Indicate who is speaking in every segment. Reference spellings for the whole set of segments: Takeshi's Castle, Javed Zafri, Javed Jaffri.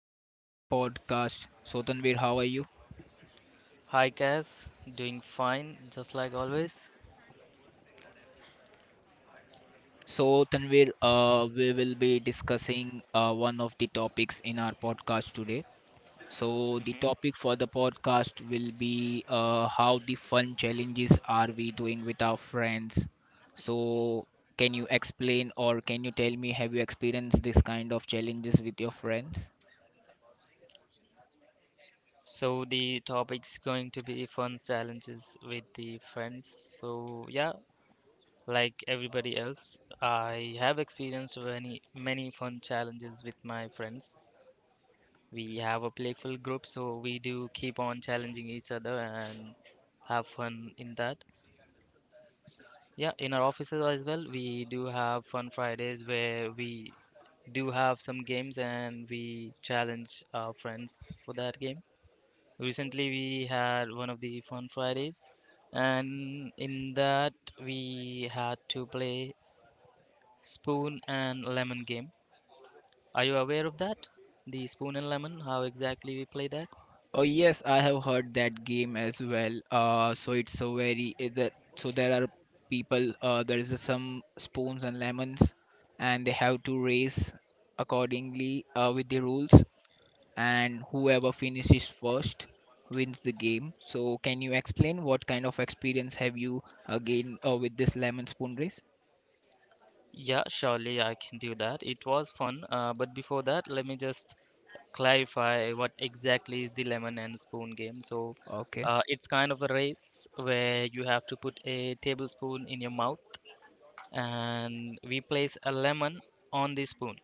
Speaker 1: Welcome to the podcast. So Tanvir, how are you?
Speaker 2: Hi guys, doing fine just like always.
Speaker 1: So Tanvir, we will be discussing one of the topics in our podcast today. So the topic for the podcast will be how the fun challenges are we doing with our friends. So can you explain or can you tell me, have you experienced this kind of challenges with your friends?
Speaker 2: So the topic's going to be fun challenges with the friends. So yeah, like everybody else, I have experienced many fun challenges with my friends. We have a playful group, so we do keep on challenging each other and have fun in that. Yeah, in our offices as well, we do have fun Fridays where we do have some games and we challenge our friends for that game. Recently, we had one of the fun Fridays, and in that, we had to play spoon and lemon game. Are you aware of that? The spoon and lemon, how exactly we play that?
Speaker 1: Oh yes, I have heard that game as well. So it's so very is that so there are people. There is a some spoons and lemons, and they have to race accordingly with the rules. And whoever finishes first wins the game. So can you explain what kind of experience have you gained with this lemon spoon race?
Speaker 2: Yeah, surely I can do that. It was fun, but before that, let me just clarify what exactly is the lemon and spoon game. So,
Speaker 1: Okay,
Speaker 2: it's kind of a race where you have to put a tablespoon in your mouth, and we place a lemon on the spoon.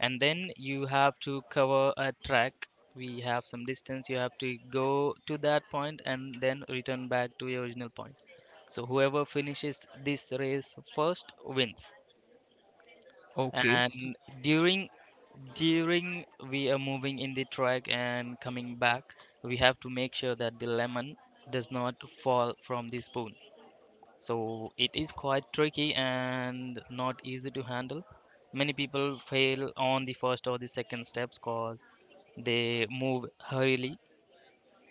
Speaker 2: And then you have to cover a track. We have some distance, you have to go to that point and then return back to your original point. So whoever finishes this race first wins.
Speaker 1: okay.
Speaker 2: And during during we are moving in the track and coming back, we have to make sure that the lemon does not fall from the spoon. So it is quite tricky and not easy to handle. Many people fail on the first or the second steps cause they move hurriedly.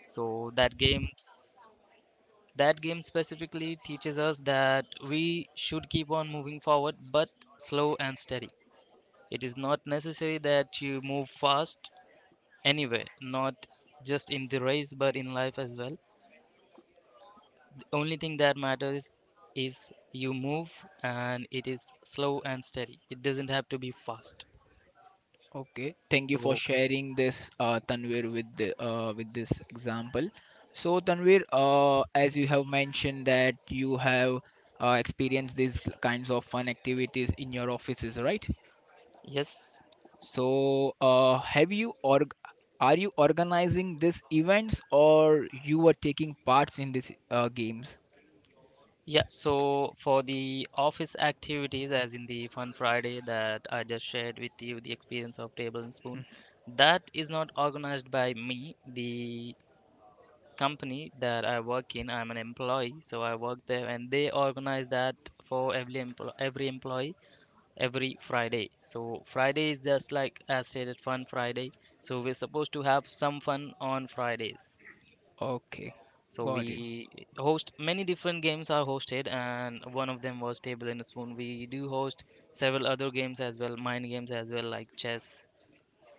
Speaker 2: So that game specifically teaches us that we should keep on moving forward, but slow and steady. It is not necessary that you move fast anywhere, not just in the race but in life as well. The only thing that matters is you move and it is slow and steady. It doesn't have to be fast.
Speaker 1: Okay, thank you for
Speaker 2: So
Speaker 1: sharing this, Tanvir, with with this example. So, Tanvir, as you have mentioned that you have experienced these kinds of fun activities in your offices, right?
Speaker 2: yes,
Speaker 1: So, have you org are you organizing these events or you were taking parts in these games?
Speaker 2: Yeah, so for the office activities, as in the Fun Friday that I just shared with you, the experience of Table and Spoon, that is not organized by me. The company that I work in, I'm an employee, so I work there, and they organize that for every empl every employee every Friday. So Friday is just like as stated, Fun Friday. So we're supposed to have some fun on Fridays.
Speaker 1: Okay,
Speaker 2: So
Speaker 1: got it.
Speaker 2: we host, many different games are hosted, and one of them was Table and Spoon. We do host several other games as well, mind games as well, like chess.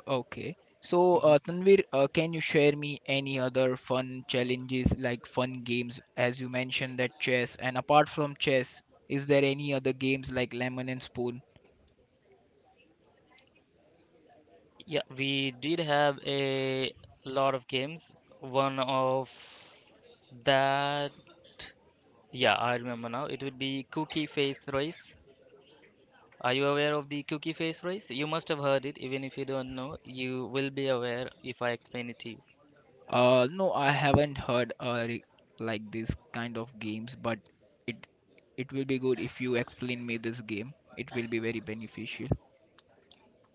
Speaker 1: Okay. So,
Speaker 2: hmm
Speaker 1: Tanvir, can you share me any other fun challenges like fun games, as you mentioned that chess, and apart from chess, is there any other games like Lemon and Spoon?
Speaker 2: Yeah, we did have a lot of games. One of that, yeah, I remember now. It would be Cookie Face Race. Are you aware of the Cookie Face Race? You must have heard it, even if you don't know. You will be aware if I explain it to you.
Speaker 1: No, I haven't heard like this kind of games, but it it will be good if you explain me this game. It will be very beneficial.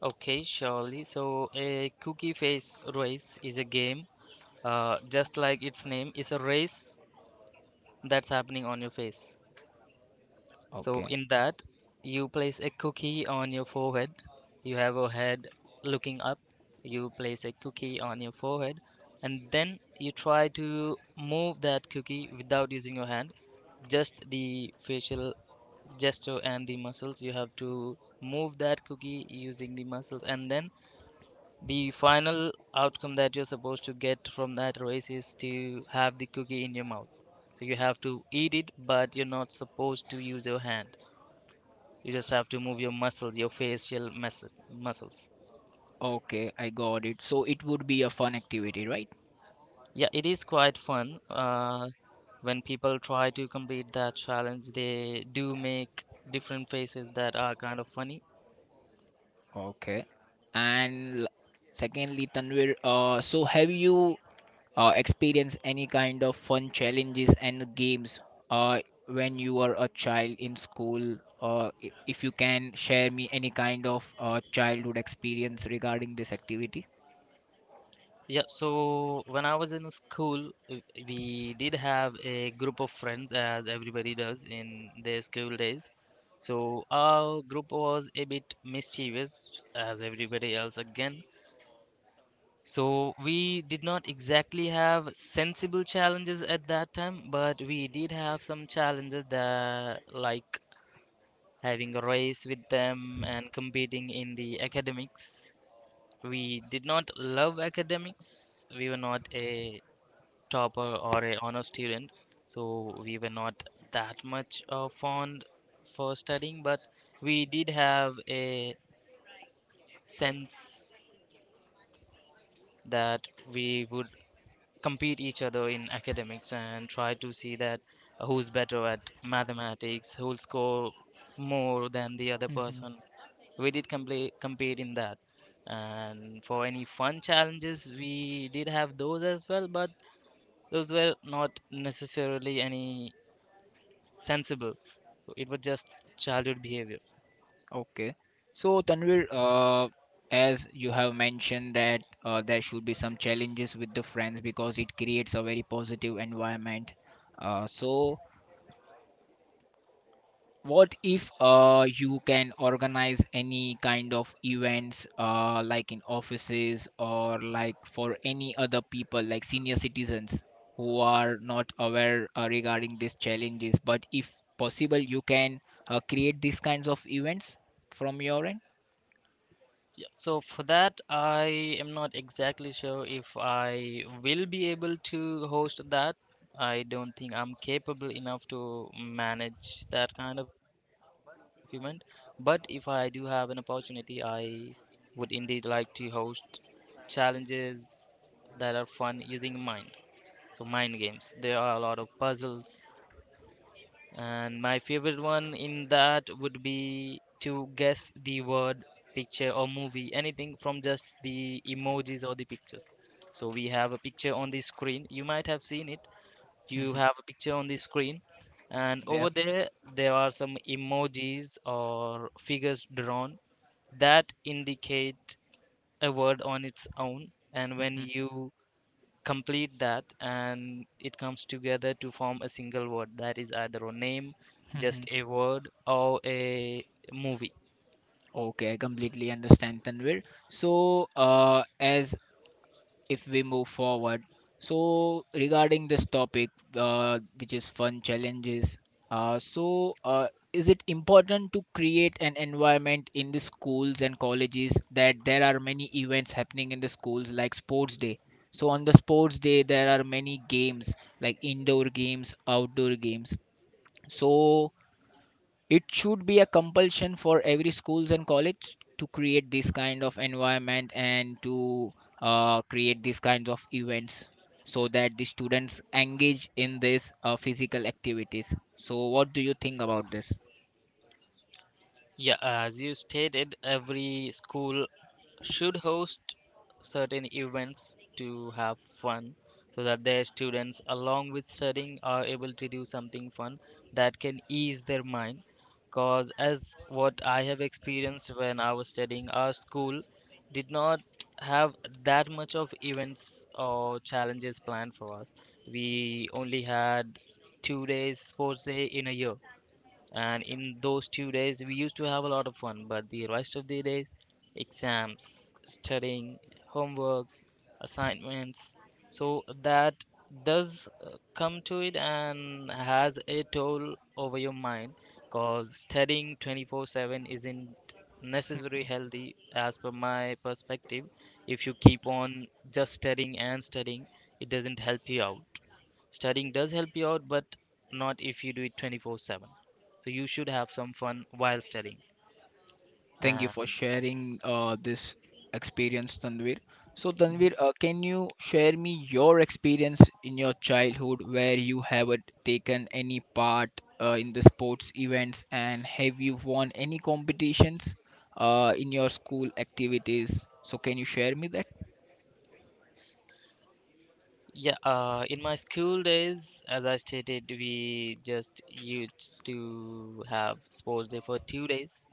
Speaker 2: Okay, surely. So, a cookie face race is a game, just like its name, is a race that's happening on your face. So,
Speaker 1: Okay.
Speaker 2: in that, you place a cookie on your forehead. You have a head looking up. You place a cookie on your forehead, and then you try to move that cookie without using your hand. Just the facial gesture and the muscles. You have to move that cookie using the muscles, and then the final outcome that you're supposed to get from that race is to have the cookie in your mouth. So you have to eat it, but you're not supposed to use your hand. You just have to move your muscles, your facial muscles.
Speaker 1: Okay, I got it. So it would be a fun activity, right?
Speaker 2: Yeah, it is quite fun. When people try to complete that challenge, they do make different faces that are kind of funny.
Speaker 1: Okay. And secondly, Tanvir, so have you experience any kind of fun challenges and games uh, when you were a child in school, if you can share me any kind of childhood experience regarding this activity.
Speaker 2: Yeah, so when I was in school, we did have a group of friends, as everybody does in their school days. So our group was a bit mischievous, as everybody else again. So we did not exactly have sensible challenges at that time, but we did have some challenges that, like having a race with them and competing in the academics. We did not love academics. We were not a topper or a honor student, so we were not that much fond for studying, but we did have a sense that we would compete each other in academics and try to see that who's better at mathematics, who'll score more than the other
Speaker 1: Hmm.
Speaker 2: person. We did compete in that. And for any fun challenges, we did have those as well, but those were not necessarily any sensible. So it was just childhood behavior.
Speaker 1: Okay, so Tanvir, as you have mentioned that there should be some challenges with the friends because it creates a very positive environment, so what if you can organize any kind of events like in offices or like for any other people like senior citizens who are not aware regarding these challenges, but if possible you can create these kinds of events from your end.
Speaker 2: Yeah. So for that, I am not exactly sure if I will be able to host that. I don't think I'm capable enough to manage that kind of event. But if I do have an opportunity, I would indeed like to host challenges that are fun using mind. So mind games. There are a lot of puzzles. And my favorite one in that would be to guess the word, picture, or movie, anything from just the emojis or the pictures. So we have a picture on the screen. You might have seen it. You
Speaker 1: Mhm.
Speaker 2: have a picture on the screen, and
Speaker 1: Yeah.
Speaker 2: over there, there are some emojis or figures drawn that indicate a word on its own. And when
Speaker 1: Mhm.
Speaker 2: you complete that and it comes together to form a single word that is either a name, just
Speaker 1: Mhm.
Speaker 2: a word, or a movie.
Speaker 1: Okay, I completely understand, Tanvir. So, as if we move forward, so regarding this topic, which is fun challenges, is it important to create an environment in the schools and colleges that there are many events happening in the schools, like sports day? So, on the sports day, there are many games, like indoor games, outdoor games. So, it should be a compulsion for every schools and college to create this kind of environment and to create these kinds of events so that the students engage in this physical activities. So, what do you think about this?
Speaker 2: Yeah, as you stated, every school should host certain events to have fun so that their students, along with studying, are able to do something fun that can ease their mind. Cause as what I have experienced, when I was studying, our school did not have that much of events or challenges planned for us. We only had 2 days sports day in a year, and in those 2 days we used to have a lot of fun, but the rest of the days, exams, studying, homework, assignments. So that does come to it and has a toll over your mind, because studying 24/7 isn't necessarily healthy as per my perspective. If you keep on just studying and studying, it doesn't help you out. Studying does help you out, but not if you do it 24/7. So you should have some fun while studying.
Speaker 1: Thank you
Speaker 2: And
Speaker 1: for sharing this experience, Tanvir. So, Tanvir,
Speaker 2: Mhm.
Speaker 1: can you share me your experience in your childhood where you haven't taken any part in the sports events, and have you won any competitions in your school activities? So, can you share me
Speaker 2: Yeah, in my school days, as I stated, we just used to have sports day for 2 days.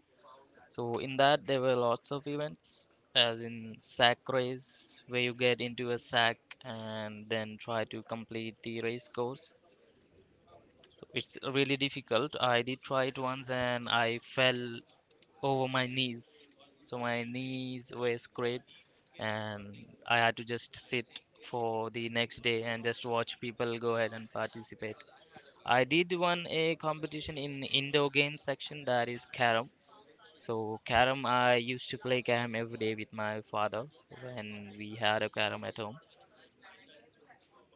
Speaker 2: So in that, there were lots of events, as in sack race, where you get into a sack and then try to complete the race course. So it's really difficult. I did try it once and I fell over my knees. So my knees were scraped, and I had to just sit for the next day and just watch people go ahead and participate. I did won a competition in indoor game section that is carom. So carom, I used to play carom every day with my father when we had a carom at home.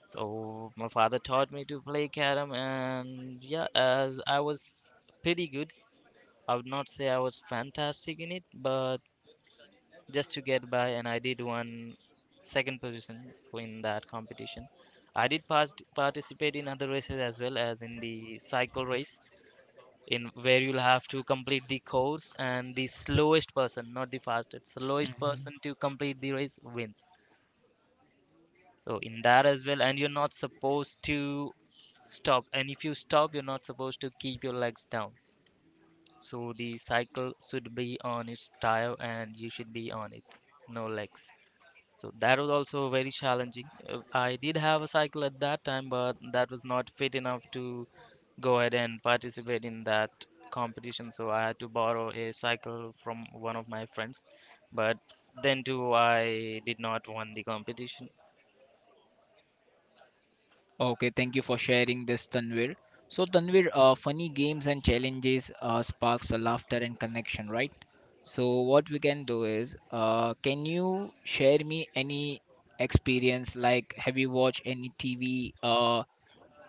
Speaker 2: So my father taught me to play carom, and yeah, as I was pretty good. I would not say I was fantastic in it, but just to get by, and I did one second position in that competition. I did participate in other races as well as in the cycle race, in where you'll have to complete the course, and the slowest person, not the fastest, slowest
Speaker 1: that?
Speaker 2: person to complete the race wins. So in that as well, and you're not supposed to stop, and if you stop, you're not supposed to keep your legs down. So the cycle should be on its tire, and you should be on it, no legs. So that was also very challenging. I did have a cycle at that time, but that was not fit enough to go ahead and participate in that competition. So I had to borrow a cycle from one of my friends. But then too, I did not win the competition.
Speaker 1: Okay, thank you for sharing this, Tanvir. So, Tanvir, funny games and challenges sparks a laughter and connection, right? So, what we can do is, can you share me any experience? Like, have you watched any TV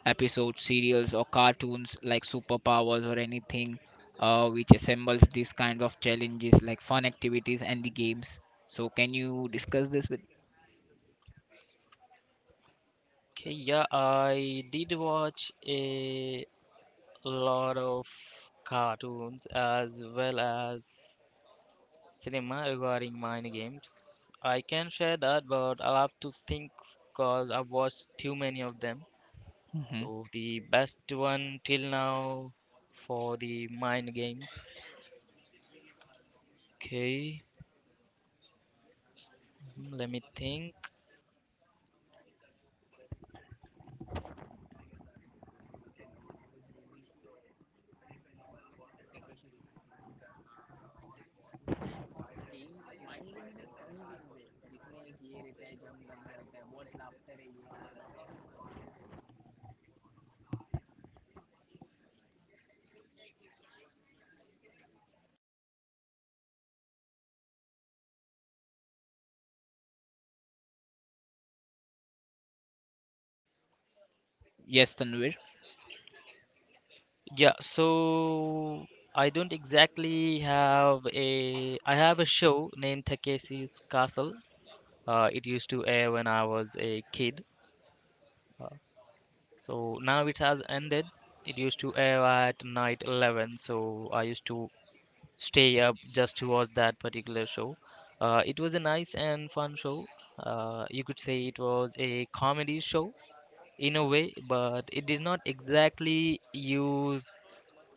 Speaker 1: episodes, serials, or cartoons like superpowers or anything which assembles these kind of challenges, like fun activities and the games? So, can you discuss this with?
Speaker 2: Okay, yeah, I did watch a lot of cartoons as well as cinema regarding mind games. I can share that, but I'll have to think because I've watched too many of them.
Speaker 1: Mhm.
Speaker 2: So the best one till now for the mind games. Okay, mhm, let me think.
Speaker 1: Yes, Tanvir.
Speaker 2: Yeah, so I don't exactly have a. I have a show named Takeshi's Castle. It used to air when I was a kid. So now it has ended. It used to air at night 11. So I used to stay up just to watch that particular show. It was a nice and fun show. You could say it was a comedy show in a way, but it did not exactly use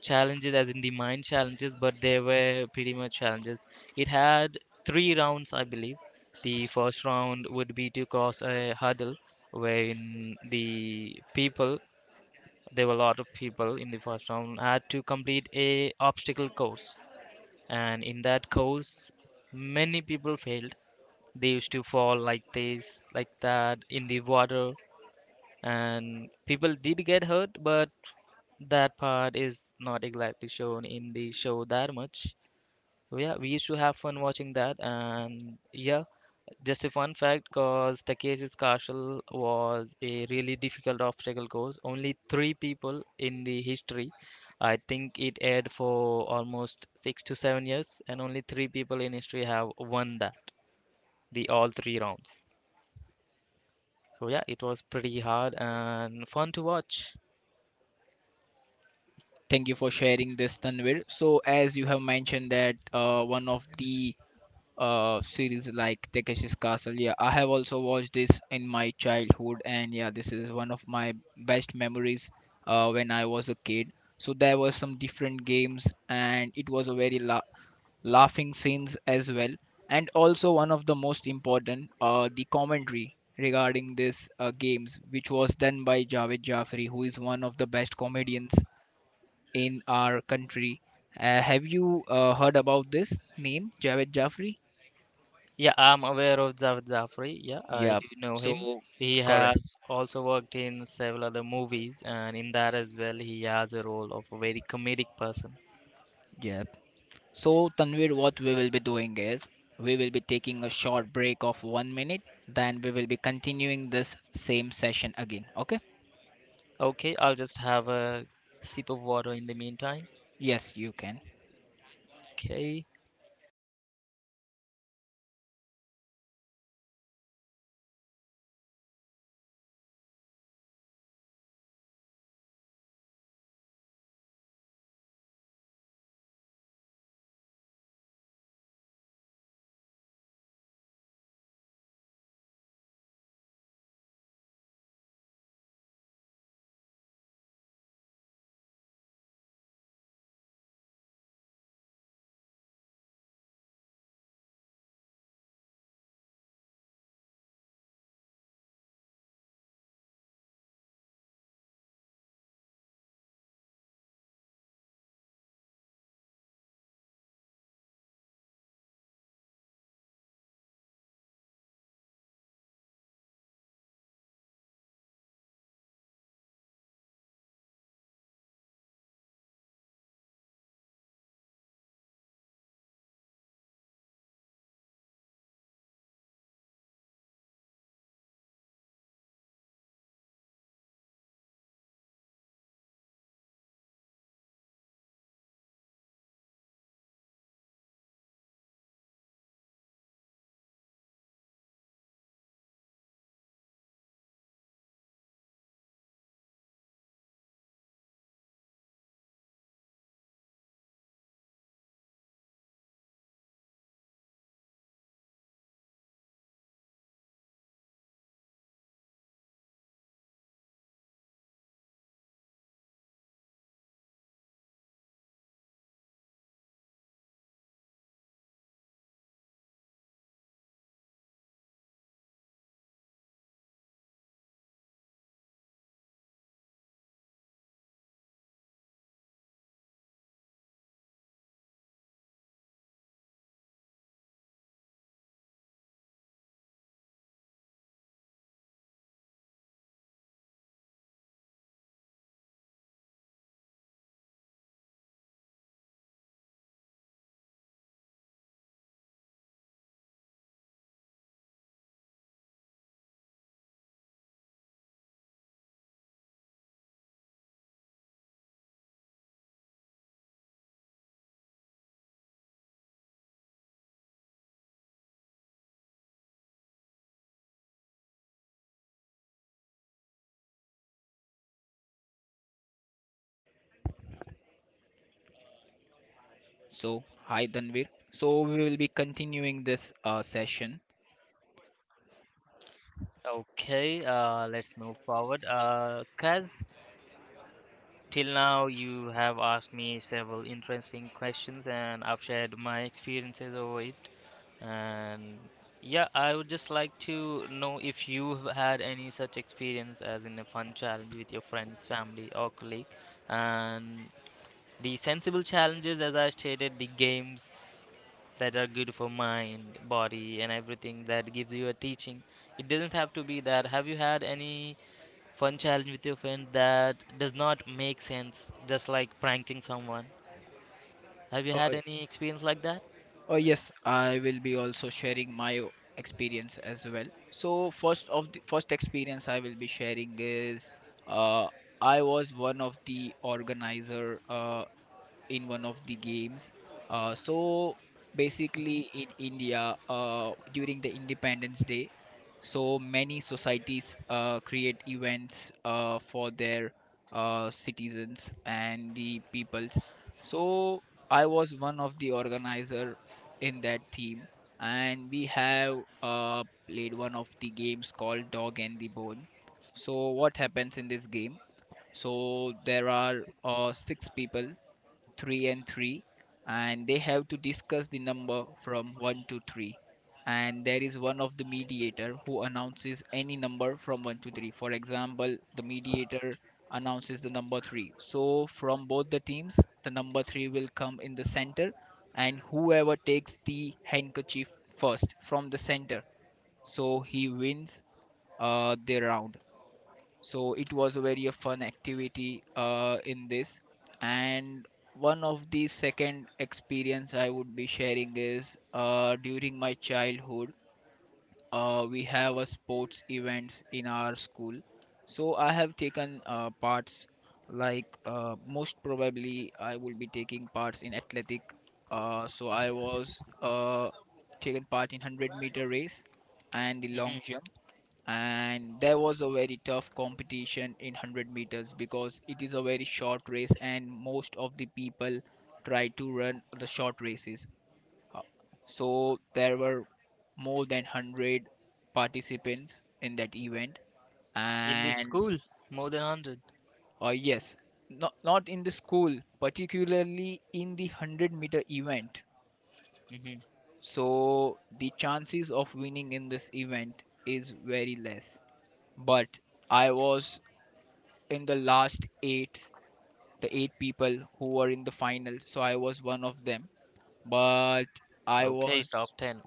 Speaker 2: challenges as in the mind challenges, but there were pretty much challenges. It had three rounds, I believe. The first round would be to cross a hurdle wherein the people, there were a lot of people in the first round, had to complete a obstacle course, and in that course many people failed. They used to fall like this, like that in the water, and people did get hurt, but that part is not exactly shown in the show that much. So yeah, we used to have fun watching that. And yeah, just a fun fact, cause Takeshi's Castle was a really difficult obstacle course. Only three people in the history. I think it aired for almost 6 to 7 years, and only three people in history have won that, the all three rounds. So yeah, it was pretty hard and fun to watch.
Speaker 1: Thank you for sharing this, Tanvir. So, as you have mentioned that one of the series like Takeshi's Castle, yeah, I have also watched this in my childhood, and yeah, this is one of my best memories when I was a kid. So there were some different games, and it was a very laughing scenes as well, and also one of the most important, the commentary regarding this games, which was done by Javed Jaffri, who is one of the best comedians in our country. Have you heard about this name, Javed Jaffri?
Speaker 2: Yeah, I'm aware of Javed Zafri. Yeah, I
Speaker 1: Yep.
Speaker 2: do know him.
Speaker 1: So,
Speaker 2: He
Speaker 1: correct.
Speaker 2: has also worked in several other movies, and in that as well, he has a role of a very comedic person.
Speaker 1: Yep. So, Tanvir, what we will be doing is we will be taking a short break of 1 minute, then we will be continuing this same session again. Okay?
Speaker 2: Okay, I'll just have a sip of water in the meantime.
Speaker 1: Yes, you can.
Speaker 2: Okay,
Speaker 1: So, hi, Tanvir. So, we will be continuing this session.
Speaker 2: okay, let's move forward. Kaz, till now you have asked me several interesting questions, and I've shared my experiences over it. And yeah, I would just like to know if you've had any such experience as in a fun challenge with your friends, family, or colleague. And the sensible challenges, as I stated, the games that are good for mind, body, and everything that gives you a teaching. It doesn't have to be that. Have you had any fun challenge with your friend that does not make sense, just like pranking someone? Have you
Speaker 1: Uh,
Speaker 2: had any experience like that?
Speaker 1: Oh yes, I will be also sharing my experience as well. So first of the first experience I will be sharing is, uh, I was one of the organizer in one of the games. So basically, in
Speaker 2: Hmm.
Speaker 1: India, during the Independence Day, so many societies create events for their citizens and the peoples. So I was one of the organizer in that team, and we have played one of the games called Dog and the Bone. So what happens in this game? So there are six people, 3 and 3, and they have to discuss the number from 1 to 3. And there is one of the mediator who announces any number from 1 to 3. For example, the mediator announces the number 3, so from both the teams the number 3 will come in the center, and whoever takes the handkerchief first from the center, so he wins the round. So it was a very fun activity in this. And one of the second experience I would be sharing is, during my childhood, we have a sports events in our school. So I have taken parts, like most probably I will be taking parts in athletic. So I was, taken part in 100-meter race and the
Speaker 2: Hmm.
Speaker 1: long jump. And there was a very tough competition in 100 meters because it is a very short race and most of the people try to run the short races. Uh, so there were more than 100 participants in that event.
Speaker 2: In the
Speaker 1: And
Speaker 2: school, more than 100.
Speaker 1: yes, not, not in the school particularly in the 100-meter event.
Speaker 2: Hmm.
Speaker 1: So the chances of winning in this event is very less, but I was in the last eight, the eight people who were in the final. So I was one of them. But I
Speaker 2: Okay,
Speaker 1: was,
Speaker 2: top 10.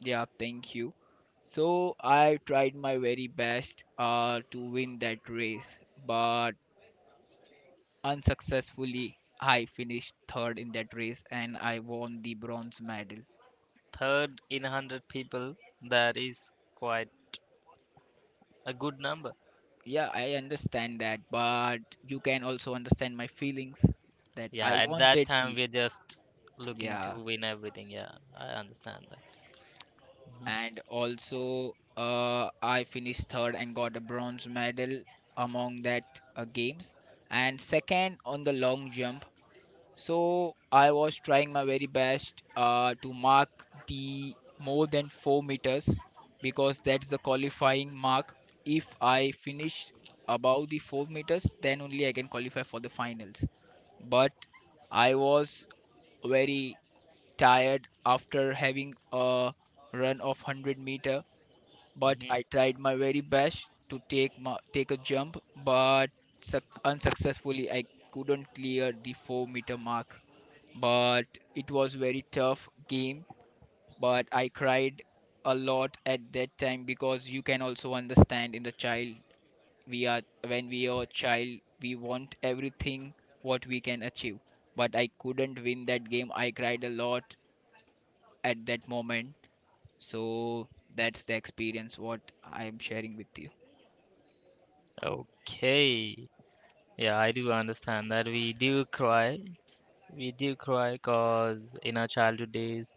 Speaker 1: yeah, thank you. So I tried my very best to win that race, but unsuccessfully, I finished third in that race and I won the bronze medal.
Speaker 2: Third in 100 people, that is quite a good number.
Speaker 1: Yeah, I understand that, but you can also understand my feelings that
Speaker 2: Yeah,
Speaker 1: I
Speaker 2: at that
Speaker 1: wanted
Speaker 2: time
Speaker 1: the,
Speaker 2: we're just looking to
Speaker 1: yeah,
Speaker 2: win everything. Yeah, I understand that. Hmm.
Speaker 1: and also I finished third and got a bronze medal among that games, and second on the long jump. So I was trying my very best to mark the more than 4 meters, because that's the qualifying mark. If I finish above the 4 meters, then only I can qualify for the finals. But I was very tired after having a run of 100 meter. But I
Speaker 2: Hmm.
Speaker 1: tried my very best to take my, take a jump, but suc unsuccessfully I couldn't clear the 4-meter mark. But it was very tough game, but I cried a lot at that time, because you can also understand in the child we are, when we are a child we want everything what we can achieve. But I couldn't win that game. I cried a lot at that moment. So that's the experience what I am sharing with you.
Speaker 2: Okay. Yeah, I do understand that. We do cry. We do cry because in our childhood days,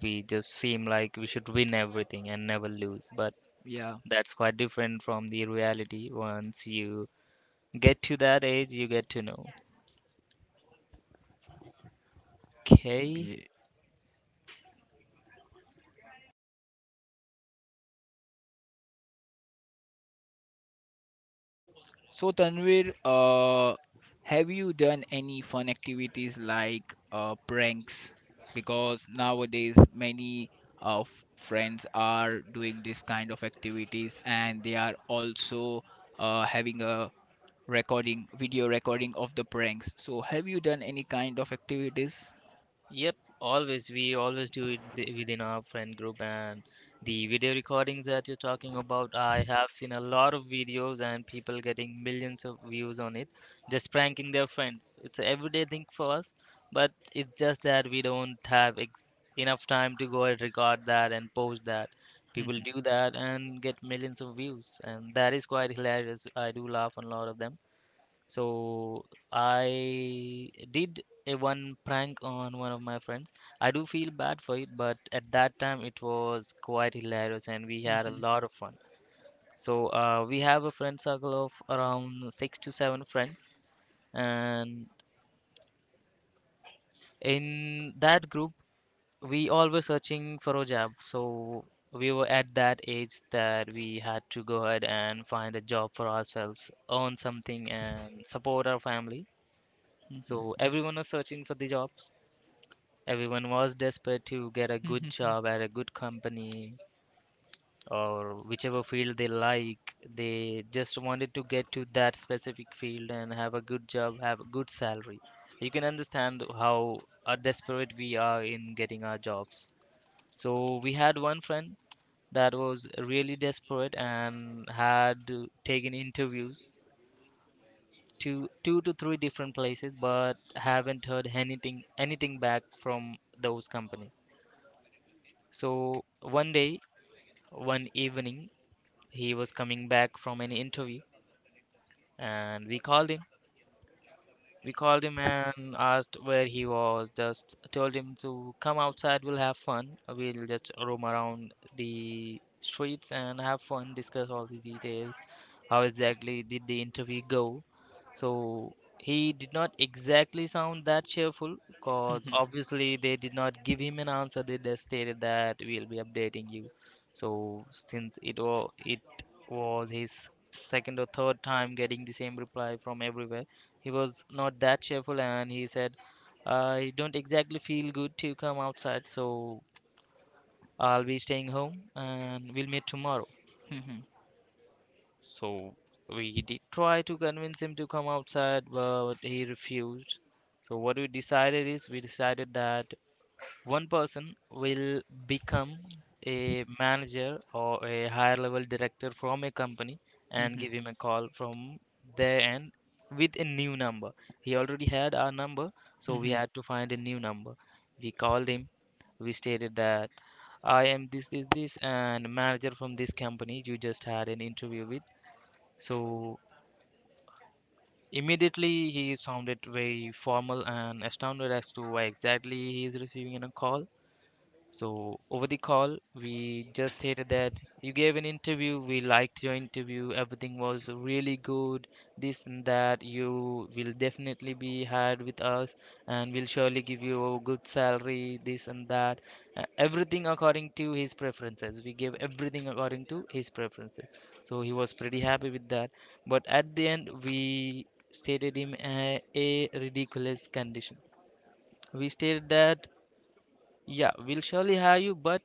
Speaker 2: we just seem like we should win everything and never lose. But
Speaker 1: Yeah.
Speaker 2: that's quite different from the reality. Once you get to that age, you get to know. Okay.
Speaker 1: Yeah. So Tanvir, have you done any fun activities like pranks? Because nowadays many of friends are doing this kind of activities, and they are also having a recording, video recording of the pranks. So have you done any kind of activities?
Speaker 2: Yep, always. We always do it within our friend group. And the video recordings that you're talking about, I have seen a lot of videos and people getting millions of views on it, just pranking their friends. It's a everyday thing for us, but it's just that we don't have enough time to go and record that and post that. People do that and get millions of views, and that is quite hilarious. I do laugh on a lot of them. So I did a one prank on one of my friends. I do feel bad for it, but at that time it was quite hilarious and we had a lot of fun. So we have a friend circle of around six to seven friends, and in that group we all were searching for a job. So we were at that age that we had to go ahead and find a job for ourselves, earn something, and support our family. So everyone was searching for the jobs. Everyone was desperate to get a good job at a good company or whichever field they like. They just wanted to get to that specific field and have a good job, have a good salary. You can understand how desperate we are in getting our jobs. So we had one friend that was really desperate and had taken interviews to two to three different places, but haven't heard anything back from those companies. So one evening, he was coming back from an interview, and we called him. We called him and asked where he was. Just told him to come outside. We'll have fun. We'll just roam around the streets and have fun, discuss all the details. How exactly did the interview go? So he did not exactly sound that cheerful because obviously they did not give him an answer. They just stated that we'll be updating you. So since it was his second or third time getting the same reply from everywhere, he was not that cheerful and he said, "I don't exactly feel good to come outside, so I'll be staying home and we'll meet tomorrow." So we did try to convince him to come outside, but he refused. So what we decided is we decided that one person will become a manager or a higher level director from a company and give him a call from there and with a new number. He already had our number, so we had to find a new number. We called him, we stated that I am this, this, this, and manager from this company you just had an interview with. So immediately he sounded very formal and astounded as to why exactly he is receiving a call. So over the call, we just stated that you gave an interview. We liked your interview. Everything was really good. This and that. You will definitely be hired with us, and we'll surely give you a good salary. This and that. Everything according to his preferences. We gave everything according to his preferences. So he was pretty happy with that. But at the end, we stated him a ridiculous condition. We stated that yeah, we'll surely hire you, but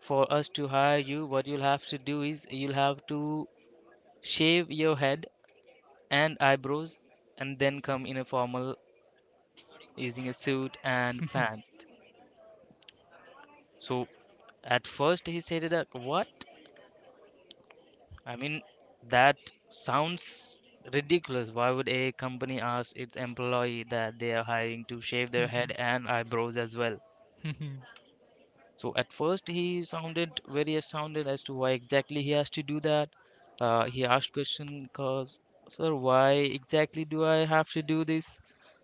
Speaker 2: for us to hire you, what you'll have to do is you'll have to shave your head and eyebrows and then come in a formal using a suit and pant. So at first he said that what? I mean that sounds ridiculous. Why would a company ask its employee that they are hiring to shave their head and eyebrows as well? So at first he sounded very astounded as to why exactly he has to do that. He asked question cause sir why exactly do I have to do this?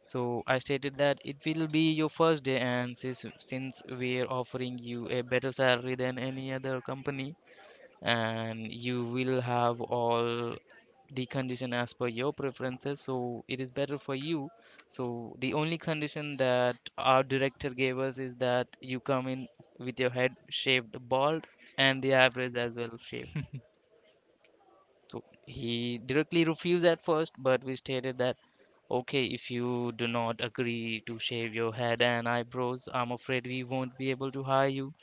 Speaker 2: So I stated that it will be your first day, and since we are offering you a better salary than any other company and you will have all the condition as per your preferences, so it is better for you. So the only condition that our director gave us is that you come in with your head shaved bald and the eyebrows as well shaved. So he directly refused at first, but we stated that okay, if you do not agree to shave your head and eyebrows, I'm afraid we won't be able to hire you.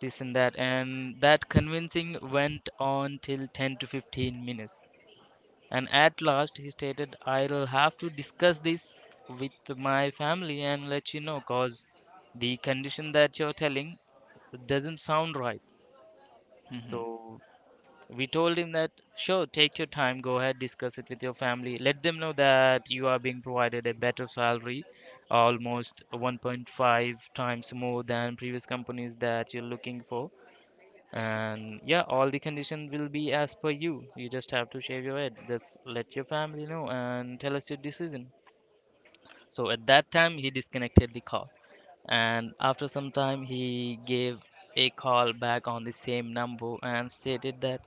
Speaker 2: This and that, and that convincing went on till 10 to 15 minutes. And at last he stated, I'll have to discuss this with my family and let you know because the condition that you're telling doesn't sound right. So we told him that, sure, take your time, go ahead, discuss it with your family. Let them know that you are being provided a better salary, almost 1.5 times more than previous companies that you're looking for. And yeah, all the condition will be as per you, you just have to shave your head, just let your family know and tell us your decision. So at that time he disconnected the call, and after some time he gave a call back on the same number and stated that,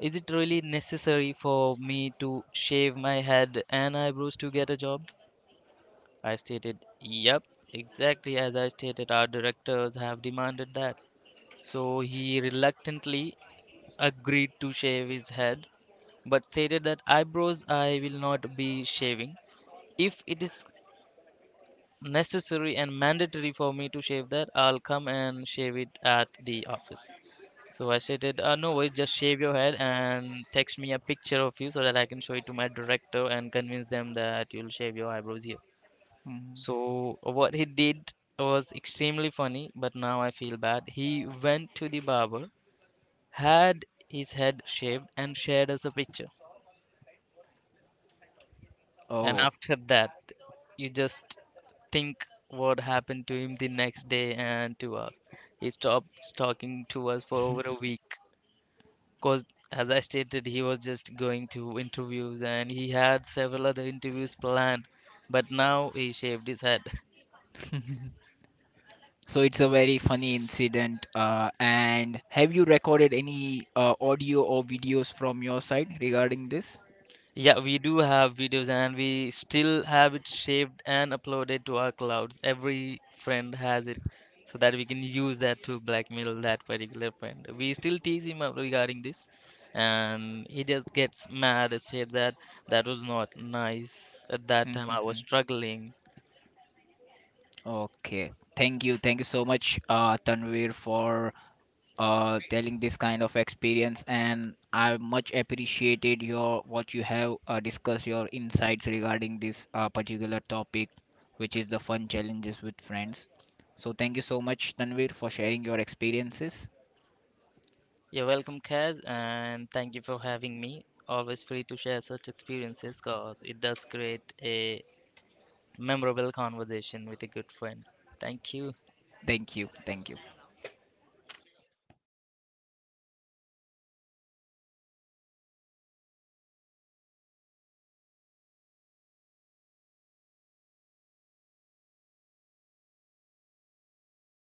Speaker 2: is it really necessary for me to shave my head and eyebrows to get a job? I stated yep, exactly as I stated, our directors have demanded that. So he reluctantly agreed to shave his head, but stated that eyebrows I will not be shaving. If it is necessary and mandatory for me to shave that, I'll come and shave it at the office. So I stated, no worries, just shave your head and text me a picture of you so that I can show it to my director and convince them that you'll shave your eyebrows here. So what he did was extremely funny, but now I feel bad. He went to the barber, had his head shaved, and shared us a picture. And
Speaker 1: Oh.
Speaker 2: after that, you just think what happened to him the next day and to us. He stopped talking to us for over a week because, as I stated, he was just going to interviews and he had several other interviews planned. But now he shaved his head.
Speaker 1: So it's a very funny incident. And have you recorded any audio or videos from your side regarding this?
Speaker 2: Yeah, we do have videos and we still have it saved and uploaded to our clouds. Every friend has it so that we can use that to blackmail that particular friend. We still tease him up regarding this and he just gets mad and said that that was not nice. At that time, I was
Speaker 1: Mhm.
Speaker 2: struggling.
Speaker 1: Okay. Thank you. Thank you so much, Tanvir, for telling this kind of experience. And I much appreciated your what you have discussed your insights regarding this particular topic, which is the fun challenges with friends. So thank you so much, Tanvir, for sharing your experiences.
Speaker 2: You're welcome, Kaz, and thank you for having me. Always free to share such experiences because it does create a memorable conversation with a good friend. Thank you.
Speaker 1: Thank you. Thank you.